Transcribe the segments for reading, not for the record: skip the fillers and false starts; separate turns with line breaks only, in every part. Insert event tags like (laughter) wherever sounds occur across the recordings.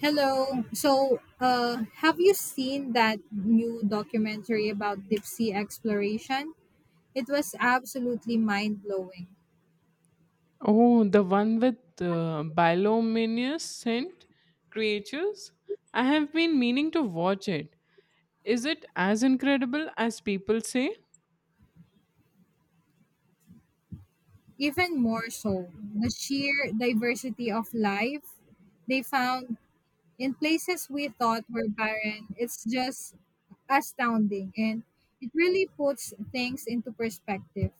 Hello. Have you seen that new documentary about deep sea exploration? It was absolutely mind blowing.
Oh, the one with bilominous creatures? I have been meaning to watch it. Is it as incredible as people say?
Even more so, the sheer diversity of life they found in places we thought were barren. It's just astounding, and it really puts things into perspective.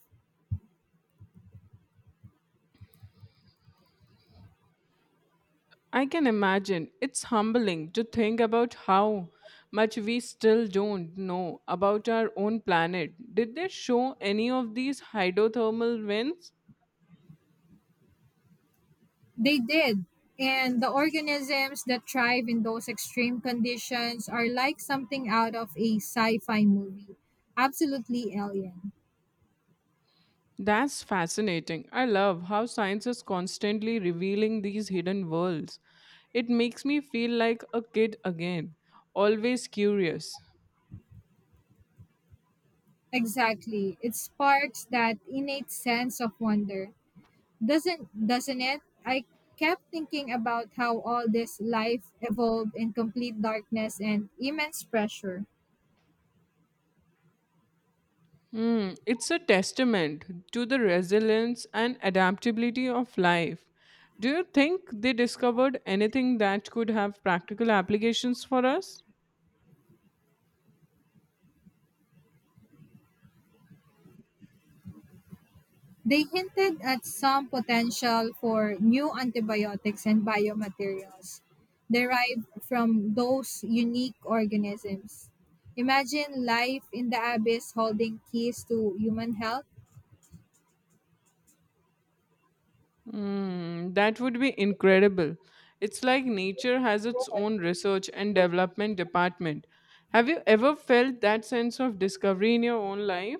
I can imagine. It's humbling to think about how much we still don't know about our own planet. Did they show any of these hydrothermal vents?
They did. And the organisms that thrive in those extreme conditions are like something out of a sci fi movie. Absolutely alien.
That's fascinating. I love how science is constantly revealing these hidden worlds. It makes me feel like a kid again, always curious.
Exactly. It sparks that innate sense of wonder. Doesn't it? I kept thinking about how all this life evolved in complete darkness and immense pressure.
Hmm, it's a testament to the resilience and adaptability of life. Do you think they discovered anything that could have practical applications for us?
They hinted at some potential for new antibiotics and biomaterials derived from those unique organisms. Imagine life in the abyss holding keys to human health.
Mm, that would be incredible. It's like nature has its own research and development department. Have you ever felt that sense of discovery in your own life?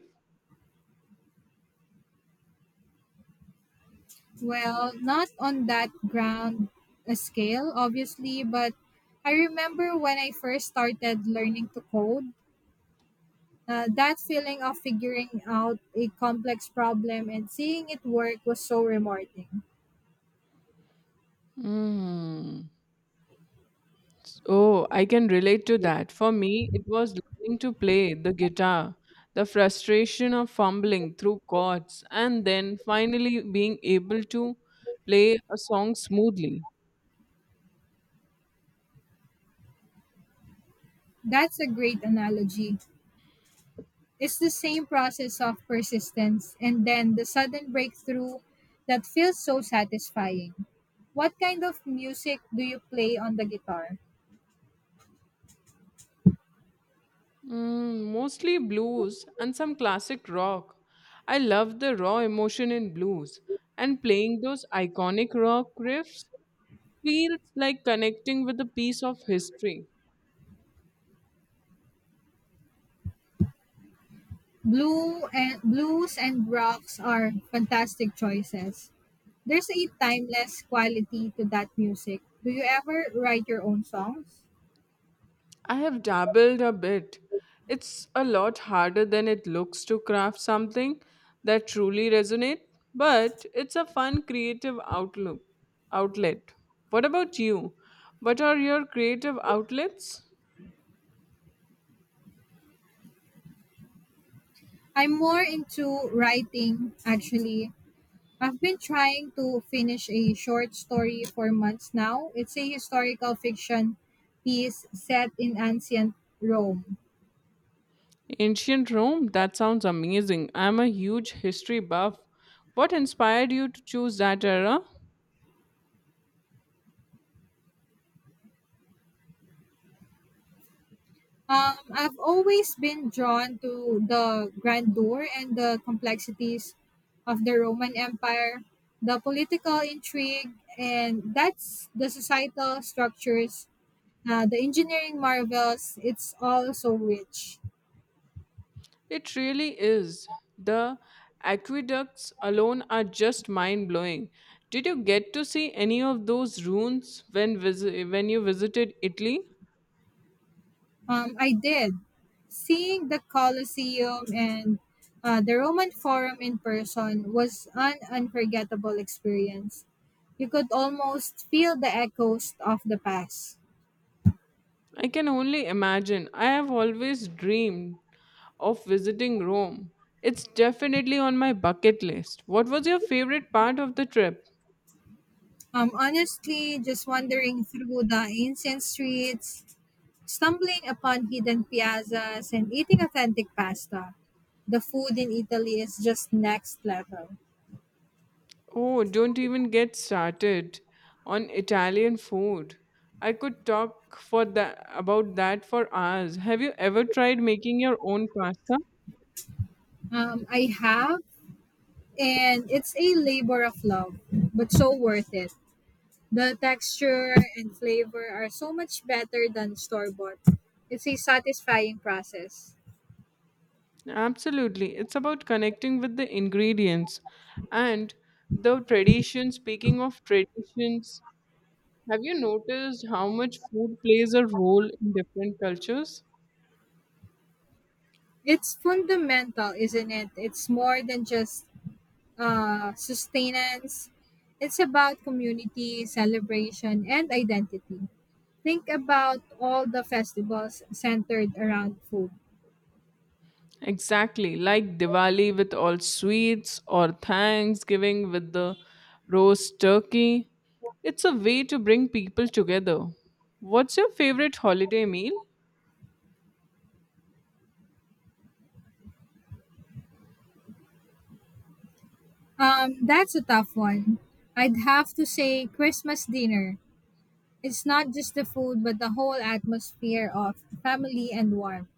Well, not on that grand scale, obviously, but I remember when I first started learning to code, that feeling of figuring out a complex problem and seeing it work was so rewarding.
Mm. Oh, I can relate to that. For me, it was learning to play the guitar, the frustration of fumbling through chords, and then finally being able to play a song smoothly.
That's a great analogy. It's the same process of persistence and then the sudden breakthrough that feels so satisfying. What kind of music do you play on the guitar?
Mm, mostly blues and some classic rock. I love the raw emotion in blues, and playing those iconic rock riffs feels like connecting with a piece of history.
Blue and blues and rocks are fantastic choices. There's a timeless quality to that music. Do you ever write your own songs?
I have dabbled a bit. It's a lot harder than it looks to craft something that truly resonates, but it's a fun creative outlook outlet. What about you? What are your creative outlets?
I'm more into writing actually. I've been trying to finish a short story for months now. It's a historical fiction piece set in ancient Rome.
Ancient Rome? That sounds amazing. I'm a huge history buff. What inspired you to choose that era?
I've always been drawn to the grandeur and the complexities of the Roman Empire, the political intrigue, and that's the societal structures, the engineering marvels. It's all so rich.
It really is. The aqueducts alone are just mind blowing. Did you get to see any of those ruins when, when you visited Italy?
I did. Seeing the Colosseum and the Roman Forum in person was an unforgettable experience. You could almost feel the echoes of the past.
I can only imagine. I have always dreamed of visiting Rome. It's definitely on my bucket list. What was your favorite part of the trip?
Honestly, just wandering through the ancient streets, stumbling upon hidden piazzas, and eating authentic pasta. The food in Italy is just next level.
Oh, don't even get started on Italian food. I could talk for that about that for hours. Have you ever tried making your own pasta?
I have, and it's a labor of love, but so worth it. The texture and flavor are so much better than store bought. It's a satisfying process.
Absolutely. It's about connecting with the ingredients and the tradition. Speaking of traditions, have you noticed how much food plays a role in different cultures?
It's fundamental, isn't it? It's more than just sustenance, it's about community, celebration, and identity. Think about all the festivals centered around food.
Exactly, like Diwali with all sweets or Thanksgiving with the roast turkey. It's a way to bring people together. What's your favorite holiday meal?
That's a tough one. I'd have to say Christmas dinner. It's not just the food, but the whole atmosphere of family and warmth.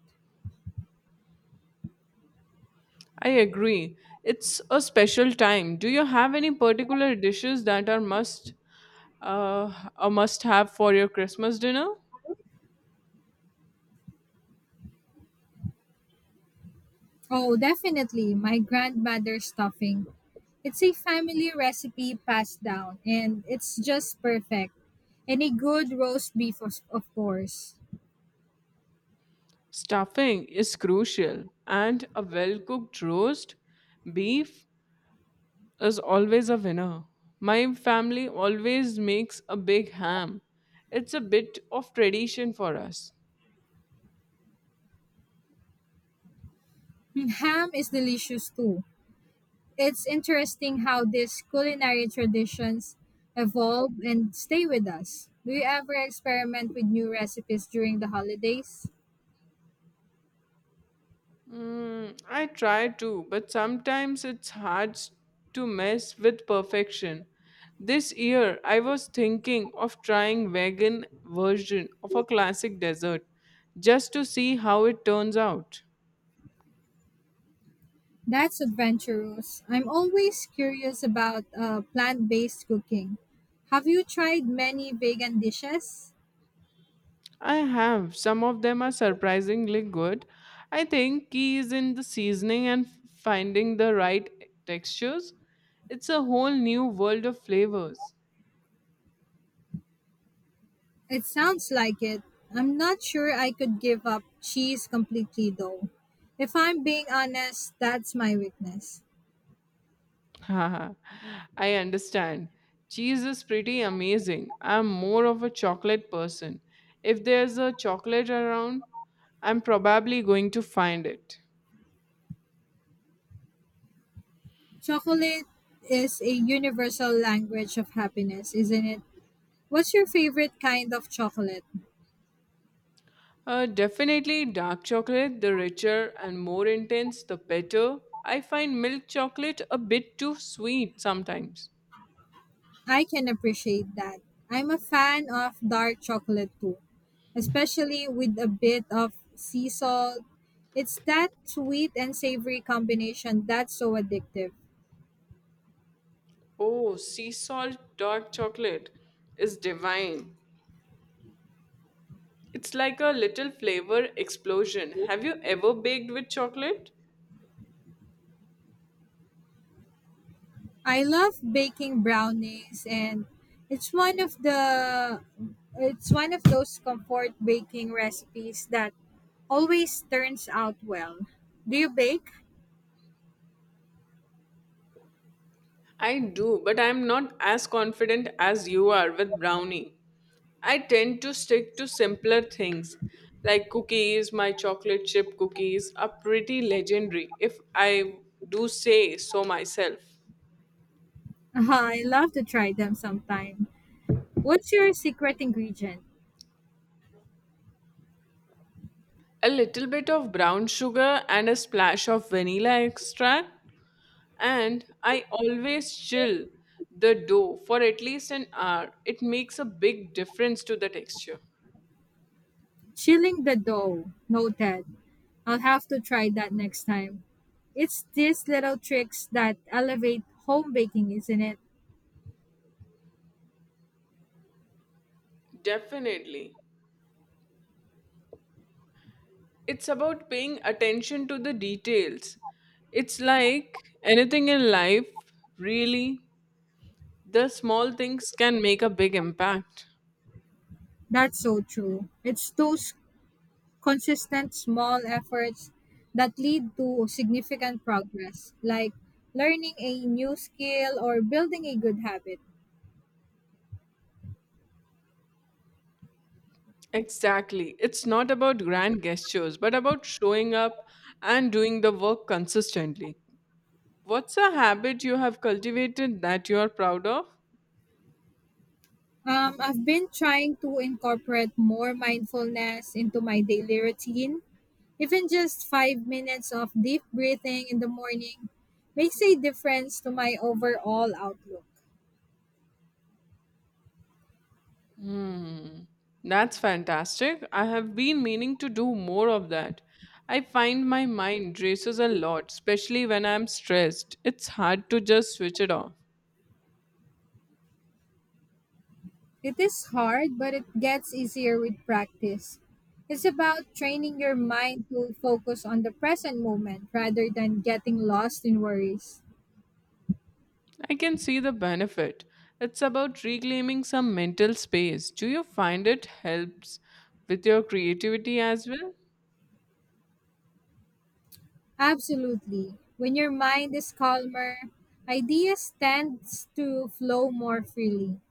I agree. It's a special time. Do you have any particular dishes that are must a must have for your Christmas dinner?
Oh, definitely. My grandmother's stuffing. It's a family recipe passed down, and it's just perfect. And a good roast beef, of course.
Stuffing is crucial, and a well cooked roast, beef, is always a winner. My family always makes a big ham. It's a bit of tradition for us.
Ham is delicious too. It's interesting how these culinary traditions evolve and stay with us. Do you ever experiment with new recipes during the holidays?
Mm, I try to, but sometimes to mess with perfection. This year, I was thinking of trying vegan version of a classic dessert just to see how it turns out.
That's adventurous. I'm always curious about plant based cooking. Have you tried many vegan dishes?
I have. Some of them are surprisingly good. I think key is in the seasoning and finding the right textures. It's a whole new world of flavors.
It sounds like it. I'm not sure I could give up cheese completely though. If I'm being honest, that's my weakness.
Haha, I understand. Cheese is pretty amazing. I'm more of a chocolate person. If there's a chocolate around, I'm probably going to find it.
Chocolate is a universal language of happiness, isn't it? What's your favorite kind of chocolate?
Definitely dark chocolate, the richer and more intense, the better. I find milk chocolate a bit too sweet sometimes.
I can appreciate that. I'm a fan of dark chocolate too, especially with a bit of sea salt. It's that sweet and savory combination that's so addictive.
Oh, sea salt dark chocolate is divine. It's like a little flavor explosion. Have you ever baked with chocolate?
I love baking brownies, and it's one of the it's one of those comfort baking recipes that always turns out well. Do you bake?
I do, but I'm not as confident as you are with brownie. I tend to stick to simpler things like cookies, my chocolate chip cookies are pretty legendary, if I do say so myself.
(laughs) I love to try them sometime. What's your secret ingredient?
A little bit of brown sugar and a splash of vanilla extract, and I always chill the dough for at least an hour. It makes a big difference to the texture.
Chilling the dough. Noted. I'll have to try that next time. It's these little tricks that elevate home baking, isn't it?
Definitely. It's about paying attention to the details. It's like anything in life, really, the small things can make a big impact.
That's so true. It's those consistent small efforts that lead to significant progress, like learning a new skill or building a good habit.
Exactly. It's not about grand gestures, but about showing up and doing the work consistently. What's a habit you have cultivated that you are proud of?
I've been trying to incorporate more mindfulness into my daily routine. Even just 5 minutes of deep breathing in the morning makes a difference to my overall outlook.
Hmm, that's fantastic. I have been meaning to do more of that. I find my mind races a lot, especially when I'm stressed. It's hard to just switch it off.
It is hard, but it gets easier with practice. It's about training your mind to focus on the present moment rather than getting lost in worries.
I can see the benefit. It's about reclaiming some mental space. Do you find it helps with your creativity as well?
Absolutely. When your mind is calmer, ideas tend to flow more freely.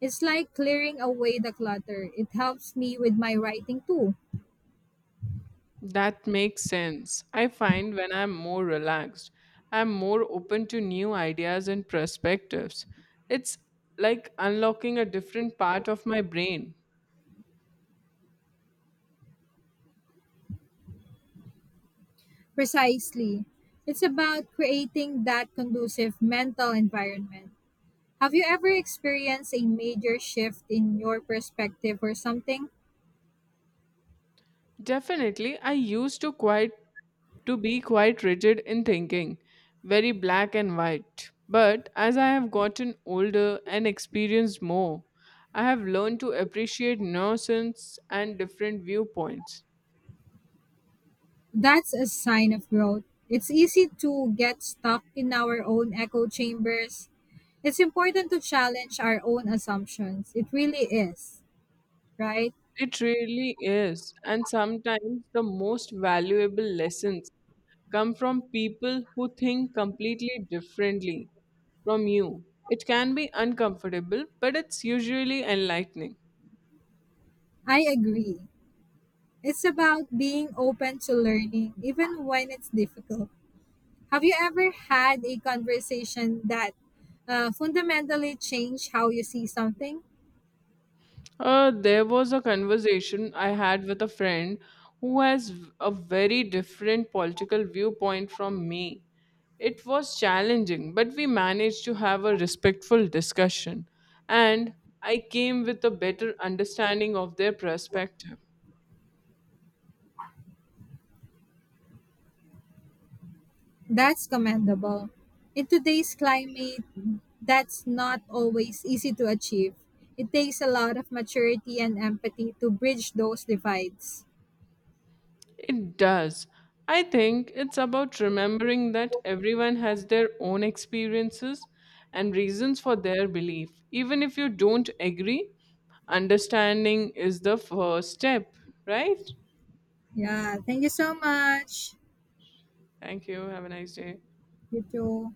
It's like clearing away the clutter. It helps me with my writing too.
That makes sense. I find when I'm more relaxed, I'm more open to new ideas and perspectives. It's like unlocking a different part of my brain.
Precisely. It's about creating that conducive mental environment. Have you ever experienced a major shift in your perspective or something?
Definitely, I used to quite to be quite rigid in thinking, very black and white. But as I have gotten older and experienced more, I have learned to appreciate nuisance and different viewpoints.
That's a sign of growth. It's easy to get stuck in our own echo chambers. It's important to challenge our own assumptions. It really is, right?
It really is. And sometimes the most valuable lessons come from people who think completely differently from you. It can be uncomfortable, but it's usually enlightening.
I agree. It's about being open to learning, even when it's difficult. Have you ever had a conversation that fundamentally changed how you see something?
There was a conversation I had with a friend who has a very different political viewpoint from me. It was challenging, but we managed to have a respectful discussion, and I came with a better understanding of their perspective.
That's commendable. In today's climate, that's not always easy to achieve. It takes a lot of maturity and empathy to bridge those divides.
It does. I think it's about remembering that everyone has their own experiences and reasons for their belief. Even if you don't agree, understanding is the first step, right?
Yeah, thank you so much.
Thank you. Have a nice day.
You too.